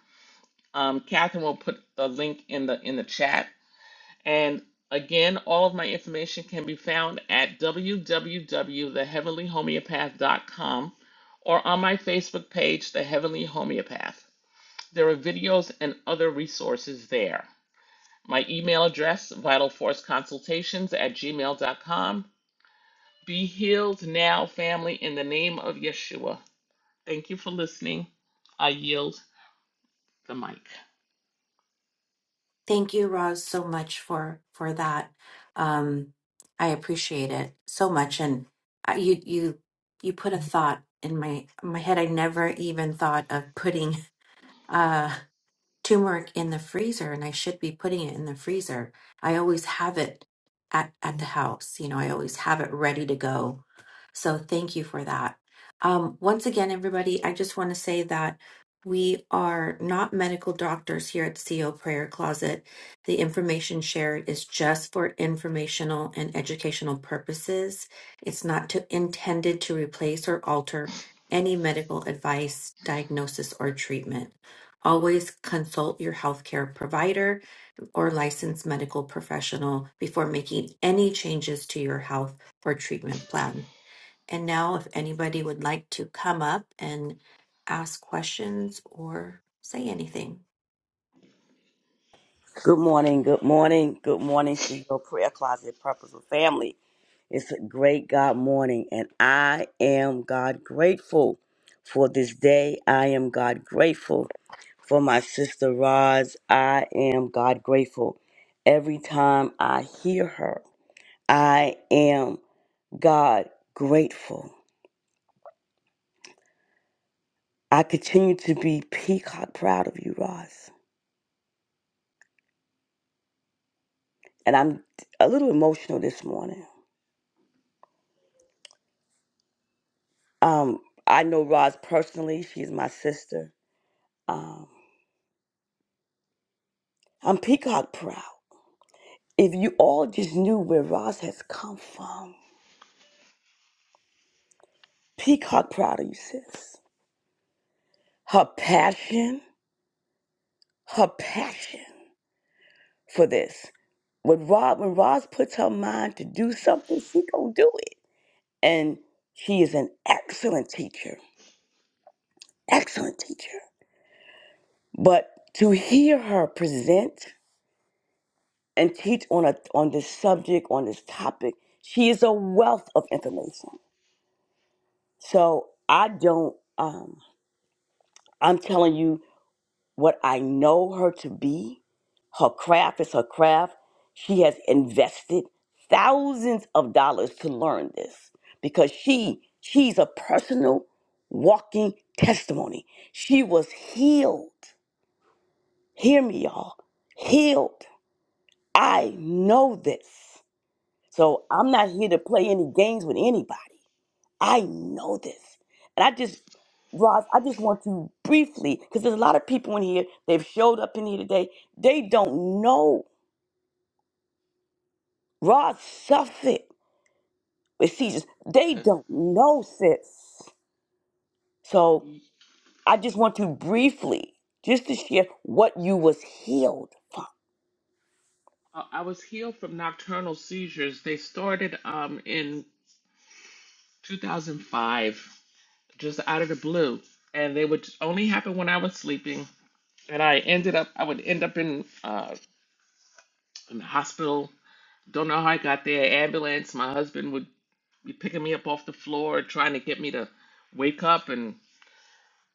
Speaker 3: Um, Catherine will put the link in the in the chat. And again, all of my information can be found at www.theheavenlyhomeopath.com or on my Facebook page, The Heavenly Homeopath. There are videos and other resources there. My email address, vitalforceconsultations at gmail.com. Be healed now, family, in the name of Yeshua. Thank you for listening. I yield the mic.
Speaker 2: Thank you, Roz, so much for for that. Um, I appreciate it so much, and I, you you you put a thought in my my head. I never even thought of putting. Uh, turmeric in the freezer and I should be putting it in the freezer. I always have it at, at the house. You know, I always have it ready to go. So thank you for that. Um, once again, everybody, I just want to say that we are not medical doctors here at CO Prayer Closet. The information shared is just for informational and educational purposes. It's not to, intended to replace or alter any medical advice, diagnosis, or treatment. Always consult your healthcare provider or licensed medical professional before making any changes to your health or treatment plan. And now, if anybody would like to come up and ask questions or say anything,
Speaker 4: Good morning, good morning, good morning to your prayer closet, purposeful family. It's a great God morning, and I am God grateful for this day. I am God grateful for my sister Roz. I am God grateful every time I hear her. I am God grateful. I continue to be peacock proud of you, Roz. And I'm a little emotional this morning Um, I know Roz personally. She's my sister. Um, I'm peacock proud. If you all just knew where Roz has come from, peacock proud of you, sis. Her passion, her passion for this. When Roz, when Roz puts her mind to do something, she gonna do it. And she is an excellent teacher, excellent teacher. But to hear her present and teach on a on this subject on this topic she is a wealth of information so i don't um i'm telling you what i know her to be her craft is her craft she has invested thousands of dollars to learn this because she she's a personal walking testimony she was healed hear me y'all healed i know this So I'm not here to play any games with anybody. I know this. And I just, Roz, I just want you briefly, because there's a lot of people in here, they've showed up in here today. They don't know. Roz suffered with seizures. They don't know, sis. So I just want you briefly, just to share what you was healed from.
Speaker 3: Uh, I was healed from nocturnal seizures. They started um, in 2005, just out of the blue, and they would only happen when I was sleeping. And I ended up, I would end up in uh, in the hospital. Don't know how I got there. Ambulance. My husband would be picking me up off the floor, trying to get me to wake up, and.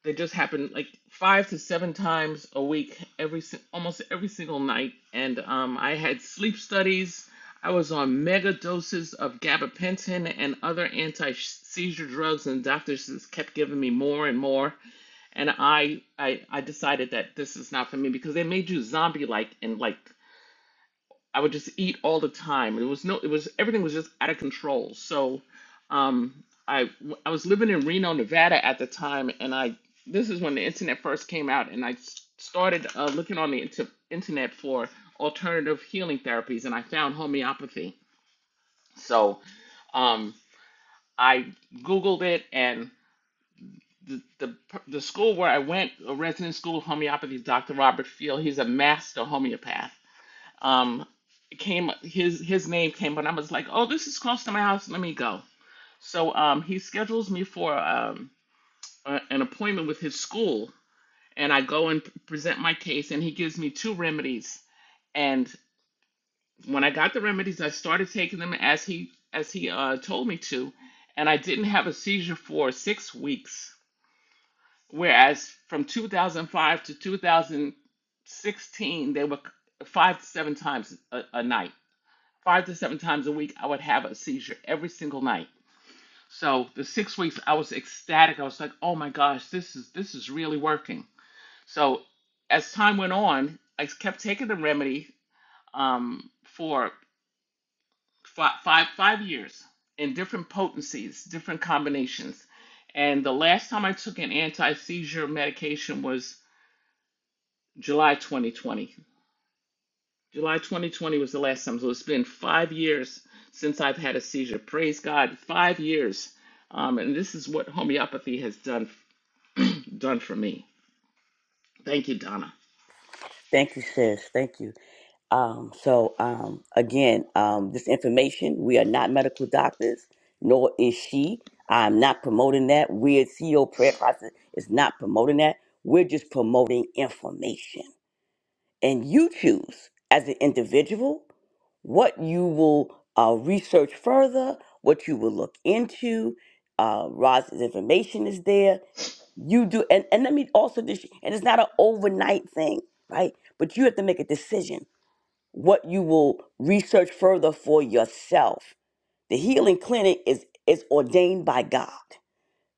Speaker 3: They just happen like five to seven times a week, every si- almost every single night. And um, I had sleep studies. I was on mega doses of gabapentin and other anti-seizure drugs, and doctors just kept giving me more and more. And I, I, I decided that this is not for me because they made you zombie-like in like I would just eat all the time. It was no, it was everything was just out of control. So, um, I I was living in Reno, Nevada at the time, and I this is when the internet first came out, and I s- started uh, looking on the inter- internet for alternative healing therapies, and I found homeopathy. So, um, I googled it, and the the the school where I went, a resident school of homeopathy, Dr. Robert Field, he's a master homeopath um it came his his name came but I was like, "Oh, this is close to my house. Let me go." So um he schedules me for um a, an appointment with his school and I go and present my case and he gives me two remedies and when I got the remedies, I started taking them as he as he uh told me to and I didn't have a seizure for 6 weeks whereas from 2005 to 2016 they were c- 5 to 7 times a, a night five to seven times a week, I would have a seizure every single night. So the six weeks, I was ecstatic. I was like, "Oh my gosh, this is this is really working." So as time went on, I kept taking the remedy um, for fi- five five years in different potencies, different combinations. And the last time I took an anti seizure medication was July 2020. July 2020 was the last time. So it's been five years since I've had a seizure. Praise God, five years. Um, and this is what homeopathy has done done for me. Thank you, Donna.
Speaker 4: Thank you, sis. Thank you. Um, so um, again, um, this information, we are not medical doctors, nor is she. I'm not promoting that. We're CEO Prayer Closet is not promoting that. We're just promoting information. And you choose as an individual what you will uh, research further, what you will look into. Uh, Roz's information is there. You do, and, and let me also, dis- and it's not an overnight thing, right? But you have to make a decision what you will research further for yourself. The healing clinic is is ordained by God.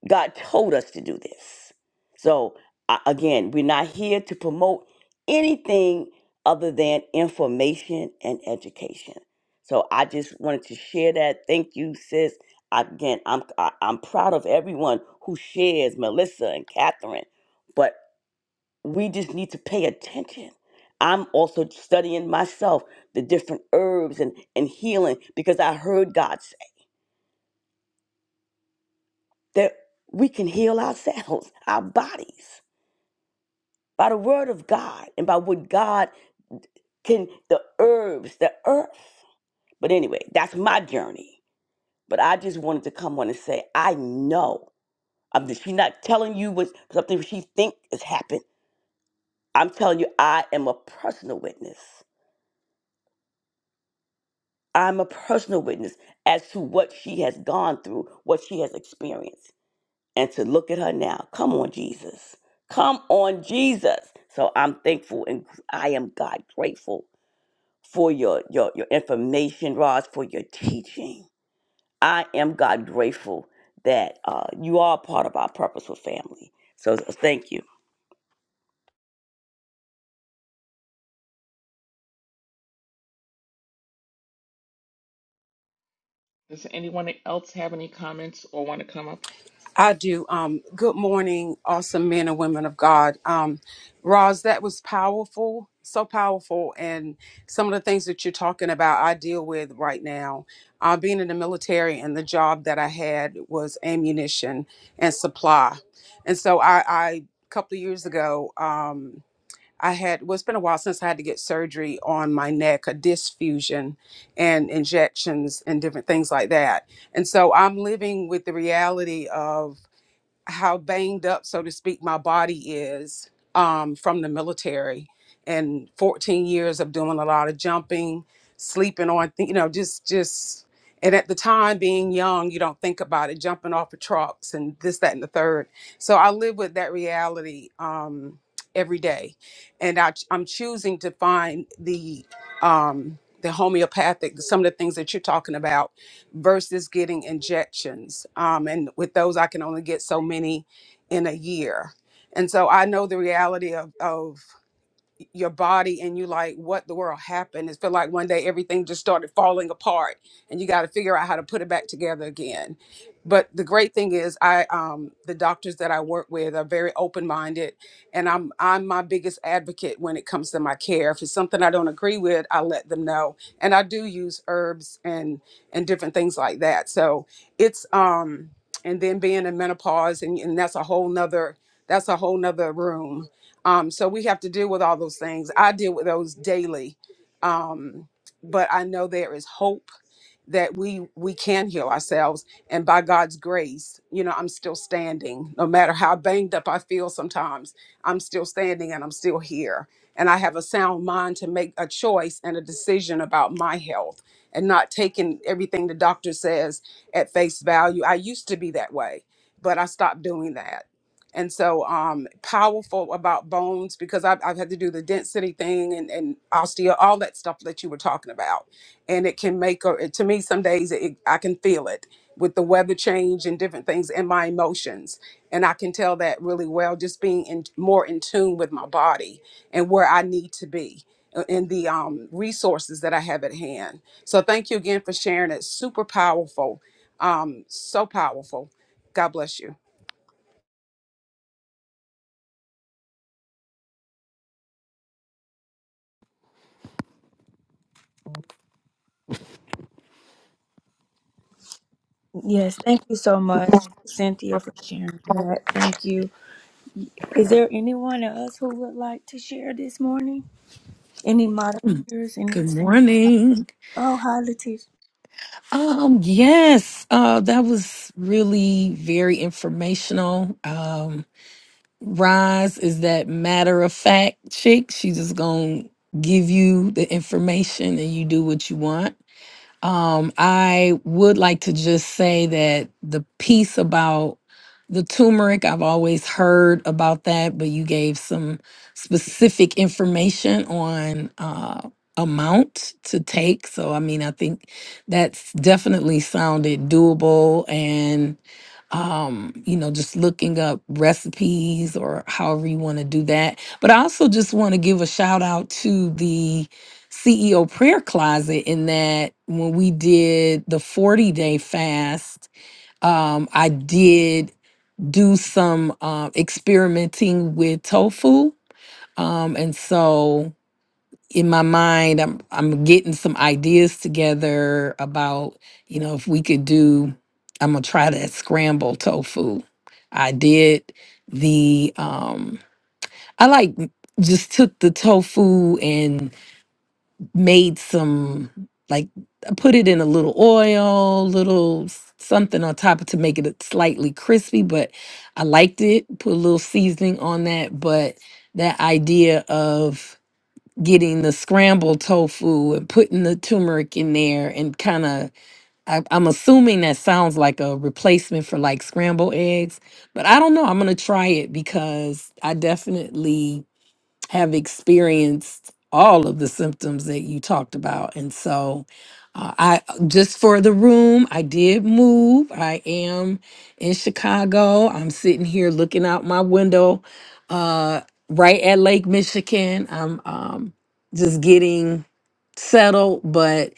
Speaker 4: God told us to do this. So I- again, we're not here to promote anything other than information and education. So I just wanted to share that. Thank you, sis. Again, I'm I, I'm proud of everyone who shares Melissa and Catherine. but we just need to pay attention. I'm also studying myself the different herbs and, and healing because I heard God say that we can heal ourselves, our bodies, by the word of God and by what God can, the herbs, the earth. But anyway, that's my journey. But I just wanted to come on and say, I know. I'm just, she's not telling you what something she think has happened. I'm telling you, I am a personal witness. I'm a personal witness as to what she has gone through, what she has experienced. And to look at her now, come on, Jesus. Come on, Jesus. So I'm thankful and I am God grateful for your, your, your information, Roz, for your teaching. I am God grateful that uh, you are part of our purposeful family. So so thank you.
Speaker 3: Does anyone else have any comments or want to come up?
Speaker 5: I do. Um, good morning, awesome men and women of God. Um, Roz, that was powerful, so powerful. And some of the things that you're talking about, I deal with right now. Uh, being in the military and the job that I had was ammunition and supply. And so I, I a couple of years ago, um, I had, well, it's been a while since I had to get surgery on my neck, a disc fusion and injections and different things like that. And so I'm living with the reality of how banged up, so to speak, my body is um, from the military and 14 years of doing a lot of jumping, sleeping on, th- you know, just, just, and at the time being young, you don't think about it, jumping off of trucks and this, that, and the third. So I live with that reality um, every day. And I, ch- I'm choosing to find the, um, the homeopathic, some of the things that you're talking about versus getting injections. Um, and with those, I can only get so many in a year. And so I know the reality of, of your body and you like what the world happened it feel like one day everything just started falling apart and you got to figure out how to put it back together again but the great thing is i um the doctors that i work with are very open-minded and i'm i'm my biggest advocate when it comes to my care if it's something i don't agree with i let them know and i do use herbs and and different things like that so it's um and then being in menopause and, and that's a whole nother that's a whole nother room um, so we have to deal with all those things. I deal with those daily, um, but I know there is hope that we we can heal ourselves, and by God's grace, you know, I'm still standing. No matter how banged up I feel, sometimes I'm still standing and I'm still here, and I have a sound mind to make a choice and a decision about my health, and not taking everything the doctor says at face value. I used to be that way, but I stopped doing that and so um powerful about bones because I've, I've had to do the density thing and, and osteo all that stuff that you were talking about and it can make or to me some days it, i can feel it with the weather change and different things and my emotions and i can tell that really well just being in more in tune with my body and where i need to be uh, and the um, resources that i have at hand so thank you again for sharing it super powerful um, so powerful god bless you
Speaker 1: Yes, thank you so much, Cynthia, for sharing that. Thank you. Is there anyone else who would like to share this morning? Any moderators? Any?
Speaker 6: Good morning.
Speaker 1: Oh, hi, Latish.
Speaker 6: Um, yes, uh, that was really very informational. Um, Roz is that matter of fact chick. She just gonna give you the information and you do what you want. Um, I would like to just say that the piece about the turmeric, I've always heard about that, but you gave some specific information on uh, amount to take. So, I mean, I think that's definitely sounded doable. And um, you know, just looking up recipes or however you want to do that. But I also just want to give a shout out to the CEO prayer closet in that when we did the 40 day fast, um, I did do some uh, experimenting with tofu. Um, and so in my mind i'm i'm getting some ideas together about you know if we could do i'm gonna try that scramble tofu i did the um i like m- just took the tofu and made some like I put it in a little oil little s- something on top of to make it slightly crispy but i liked it put a little seasoning on that but that idea of getting the scrambled tofu and putting the turmeric in there and kind of I, i'm assuming that sounds like a replacement for like scrambled eggs but i don't know i'm gonna try it because i definitely have experienced all of the symptoms that you talked about. And so, uh, I just for the room, I did move. I am in Chicago. I'm sitting here looking out my window, uh, right at Lake Michigan. I'm um, just getting settled, but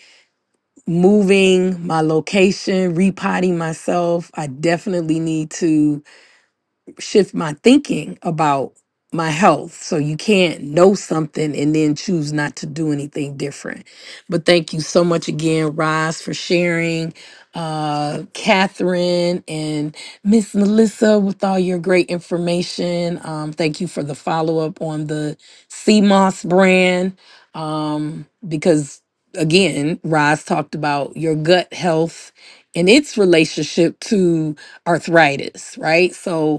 Speaker 6: moving my location, repotting myself. I definitely need to shift my thinking about my health. So you can't know something and then choose not to do anything different. But thank you so much again, Roz, for sharing. Uh, Catherine and Miss Melissa, with all your great information. Um, thank you for the follow up on the CMOS brand. Um, because again, Roz talked about your gut health and its relationship to arthritis, right? So,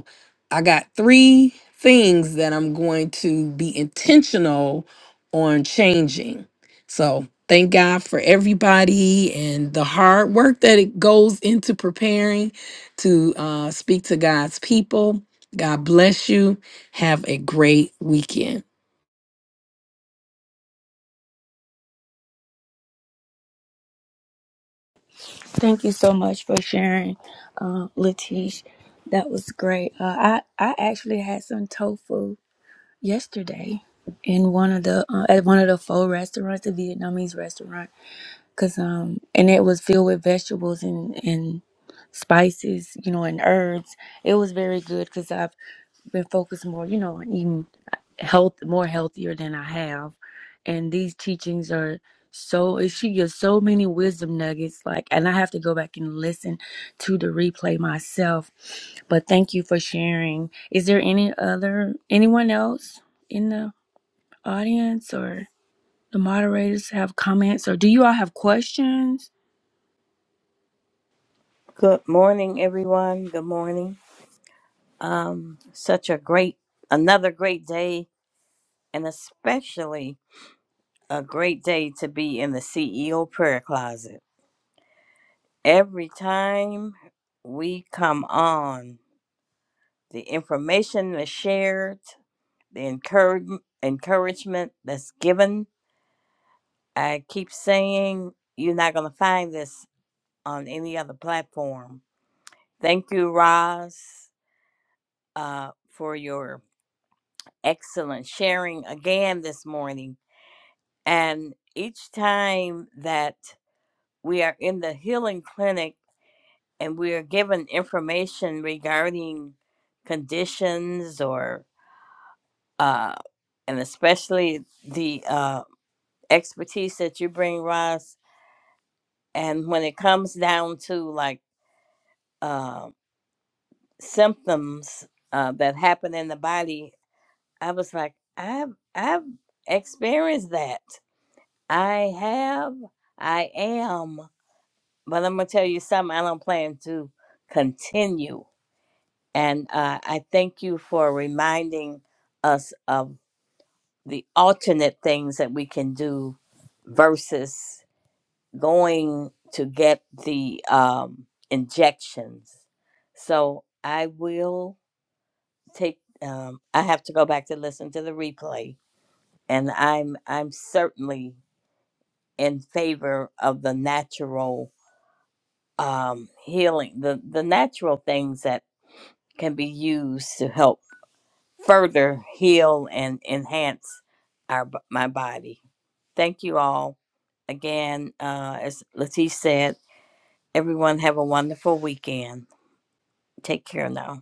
Speaker 6: I got three things that I'm going to be intentional on changing. So thank God for everybody and the hard work that it goes into preparing to uh, speak to God's people. God bless you. Have a great weekend.
Speaker 1: Thank you so much for sharing, uh, Latish. That was great. Uh, I I actually had some tofu yesterday in one of the uh, at one of the pho restaurants, a Vietnamese restaurant, cause um and it was filled with vegetables and and spices, you know, and herbs it was very good because I've been focused more, you know, on eating health more healthier than I have. And these teachings are so it- she gives so many wisdom nuggets like and I have to go back and listen to the replay myself. But thank you for sharing. Is there any other anyone else in the audience or the moderators have comments or do you all have questions?
Speaker 7: Good morning, everyone. Good morning. Um, such a great, another great day, and especially a great day to be in the CEO prayer closet. Every time we come on, the information that's shared, the encourage, encouragement that's given. I keep saying you're not going to find this on any other platform. Thank you, Roz, uh, for your excellent sharing again this morning. And each time that we are in the healing clinic and we are given information regarding conditions or, uh, and especially the uh, expertise that you bring, Ross, and when it comes down to like uh, symptoms uh, that happen in the body, I was like, I've, I've experienced that I have, I am, but I'm gonna tell you something. I don't plan to continue, and uh, I thank you for reminding us of the alternate things that we can do versus going to get the um, injections. So I will take. Um, I have to go back to listen to the replay, and I'm I'm certainly in favor of the natural um, healing, the, the natural things that can be used to help further heal and enhance our b- my body. Thank you all again. Uh, as Latish said, everyone have a wonderful weekend. Take care now.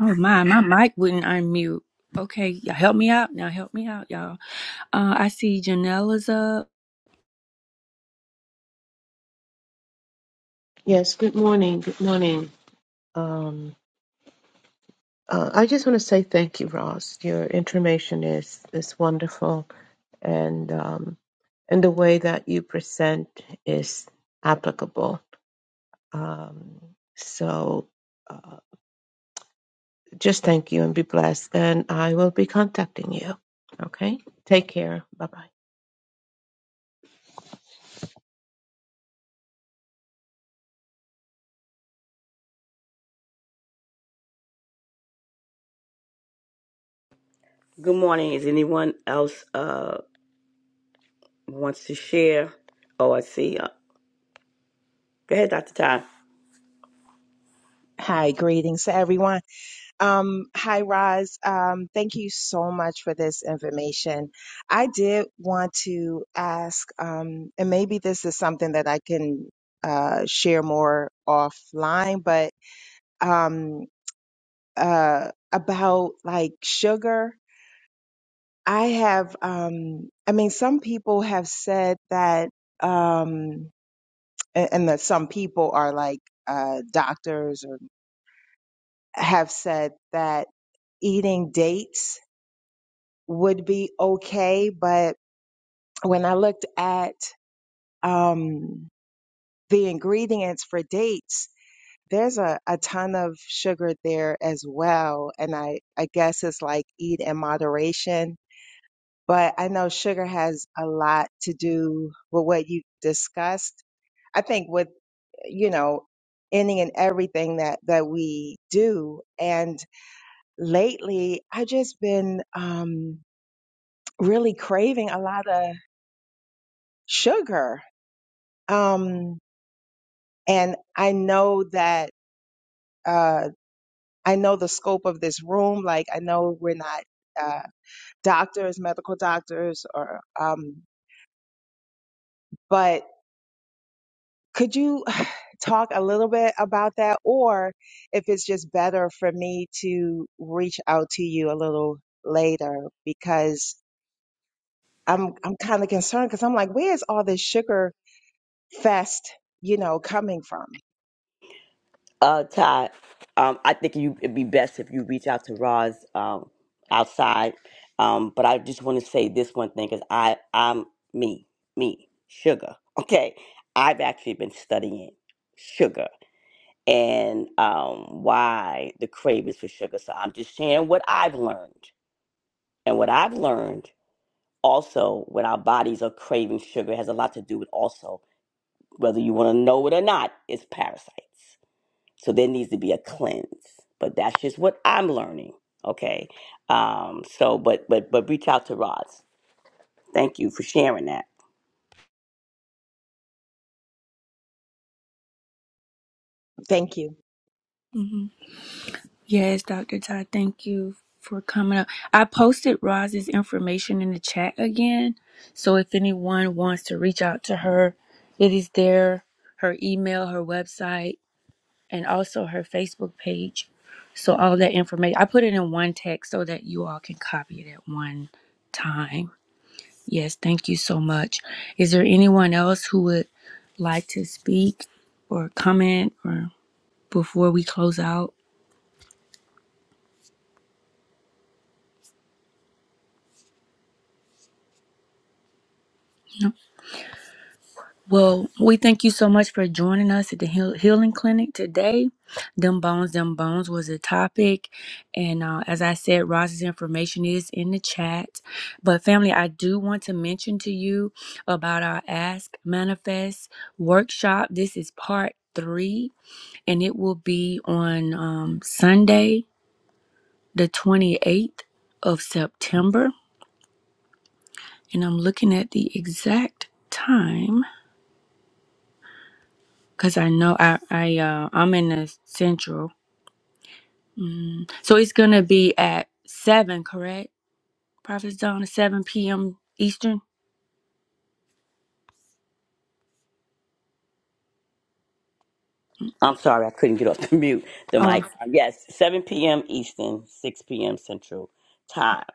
Speaker 1: Oh my, my mic wouldn't unmute. Okay, y'all help me out now. Help me out, y'all. Uh, I see Janelle is up.
Speaker 8: Yes, good morning. Good morning. Um, uh, I just want to say thank you, Ross. Your information is is wonderful, and um, and the way that you present is applicable. Um, so, uh, just thank you and be blessed. And I will be contacting you. Okay. Take care. Bye bye.
Speaker 4: Good morning. Is anyone else uh, wants to share? Oh, I see. Uh, go ahead, Dr. Ty.
Speaker 9: Hi, greetings to everyone. Um, hi, Roz. Um, thank you so much for this information. I did want to ask, um, and maybe this is something that I can uh, share more offline, but um, uh, about like sugar. I have, um, I mean, some people have said that, um, a- and that some people are like uh, doctors or have said that eating dates would be okay. But when I looked at um, the ingredients for dates, there's a, a ton of sugar there as well. And I, I guess it's like eat in moderation. But I know sugar has a lot to do with what you discussed. I think with, you know, any and everything that, that we do. And lately, I've just been um, really craving a lot of sugar Um, and I know that, uh, I know the scope of this room. Like, I know we're not, uh, doctors, medical doctors, or, um, but could you talk a little bit about that? Or if it's just better for me to reach out to you a little later because I'm, I'm kind of concerned because I'm like, where's all this sugar? fest, you know, coming from.
Speaker 4: Uh, Ty, um, I think you it'd be best if you reach out to Roz um, outside. Um, but I just want to say this one thing because I I'm me me sugar. Okay, I've actually been studying sugar and um, why the cravings for sugar. So I'm just sharing what I've learned and what I've learned. Also, when our bodies are craving sugar, it has a lot to do with also whether you want to know it or not. It's parasites. So there needs to be a cleanse. But that's just what I'm learning. Okay. Um, so but but but reach out to Roz. Thank you for sharing that.
Speaker 9: Thank you.
Speaker 1: Yes, Dr. Todd, thank you for coming up. I posted Roz's information in the chat again. So if anyone wants to reach out to her, it is there her email, her website, and also her Facebook page. So all that information, I put it in one text so that you all can copy it at one time. Yes, thank you so much. Is there anyone else who would like to speak or comment or before we close out? No. Well, we thank you so much for joining us at the heal- Healing Clinic today. Them Bones, Them Bones was a topic. And uh, as I said, Ross's information is in the chat. But, family, I do want to mention to you about our Ask Manifest workshop. This is part three, and it will be on um, Sunday, the 28th of September. And I'm looking at the exact time. Cause I know I I uh, I'm in the central, mm. so it's gonna be at seven, correct? Prophet's Dawn at seven p.m. Eastern.
Speaker 4: I'm sorry I couldn't get off the mute the mic.
Speaker 1: Oh.
Speaker 4: Yes, seven PM Eastern, six PM Central time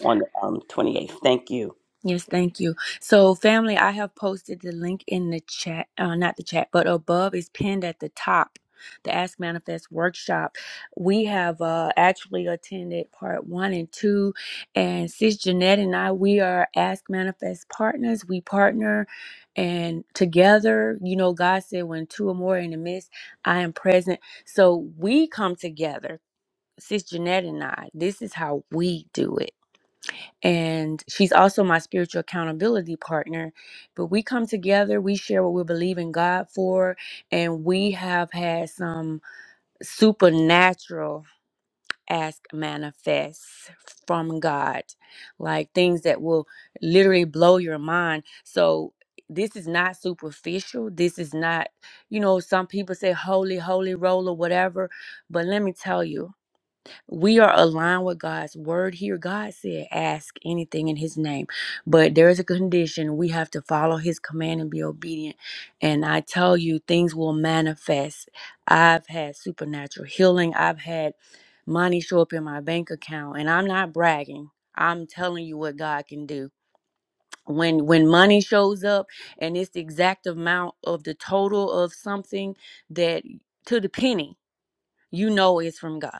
Speaker 4: on the um twenty eighth. Thank you.
Speaker 1: Yes, thank you. So, family, I have posted the link in the chat, uh, not the chat, but above is pinned at the top. The Ask Manifest workshop. We have uh, actually attended part one and two, and Sis Jeanette and I, we are Ask Manifest partners. We partner, and together, you know, God said, "When two or more are in the midst, I am present." So we come together, Sis Jeanette and I. This is how we do it and she's also my spiritual accountability partner. But we come together, we share what we believe in God for, and we have had some supernatural ask manifests from God, like things that will literally blow your mind. So this is not superficial. This is not, you know, some people say holy, holy roll or whatever. But let me tell you, we are aligned with God's word here. God said, ask anything in his name. But there is a condition. We have to follow his command and be obedient. And I tell you, things will manifest. I've had supernatural healing. I've had money show up in my bank account. And I'm not bragging. I'm telling you what God can do. When when money shows up and it's the exact amount of the total of something that to the penny, you know it's from God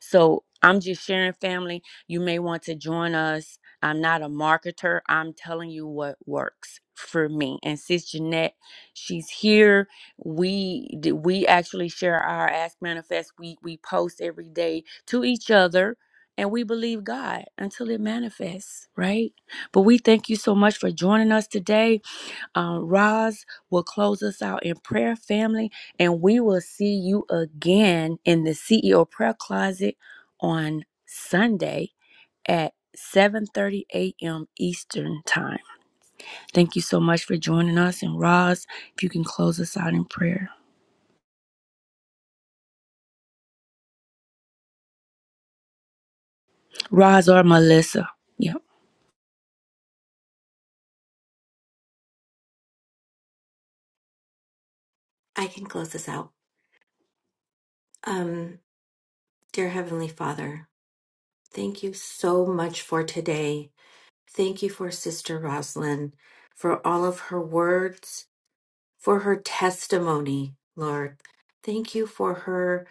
Speaker 1: so I'm just sharing, family. You may want to join us. I'm not a marketer. I'm telling you what works for me. And Sis Jeanette, she's here. We d- we actually share our Ask Manifest. We we post every day to each other. And we believe God until it manifests, right? But we thank you so much for joining us today. Um, Roz will close us out in prayer, family, and we will see you again in the CEO prayer closet on Sunday at 7:30 a.m. Eastern time. Thank you so much for joining us. And Roz, if you can close us out in prayer, Roz or Melissa, yep.
Speaker 2: I can close this out. Um, dear Heavenly Father, thank you so much for today. Thank you for Sister Roslyn, for all of her words, for her testimony, Lord. Thank you for her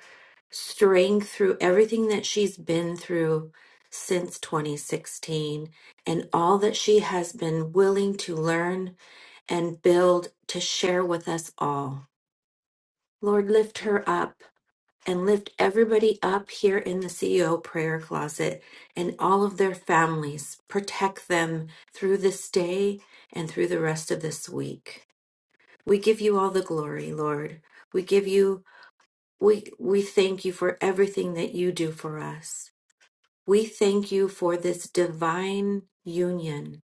Speaker 2: straying through everything that she's been through since 2016 and all that she has been willing to learn and build to share with us all. Lord, lift her up and lift everybody up here in the CEO prayer closet and all of their families. Protect them through this day and through the rest of this week. We give you all the glory, Lord. We give you we we thank you for everything that you do for us. We thank you for this divine union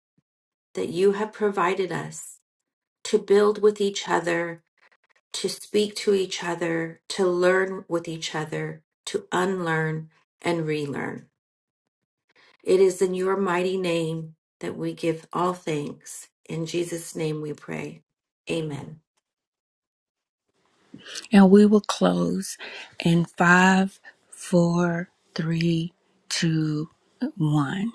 Speaker 2: that you have provided us to build with each other, to speak to each other, to learn with each other, to unlearn and relearn. It is in your mighty name that we give all thanks. In Jesus' name we pray. Amen.
Speaker 1: And we will close in five, four, three, two, one.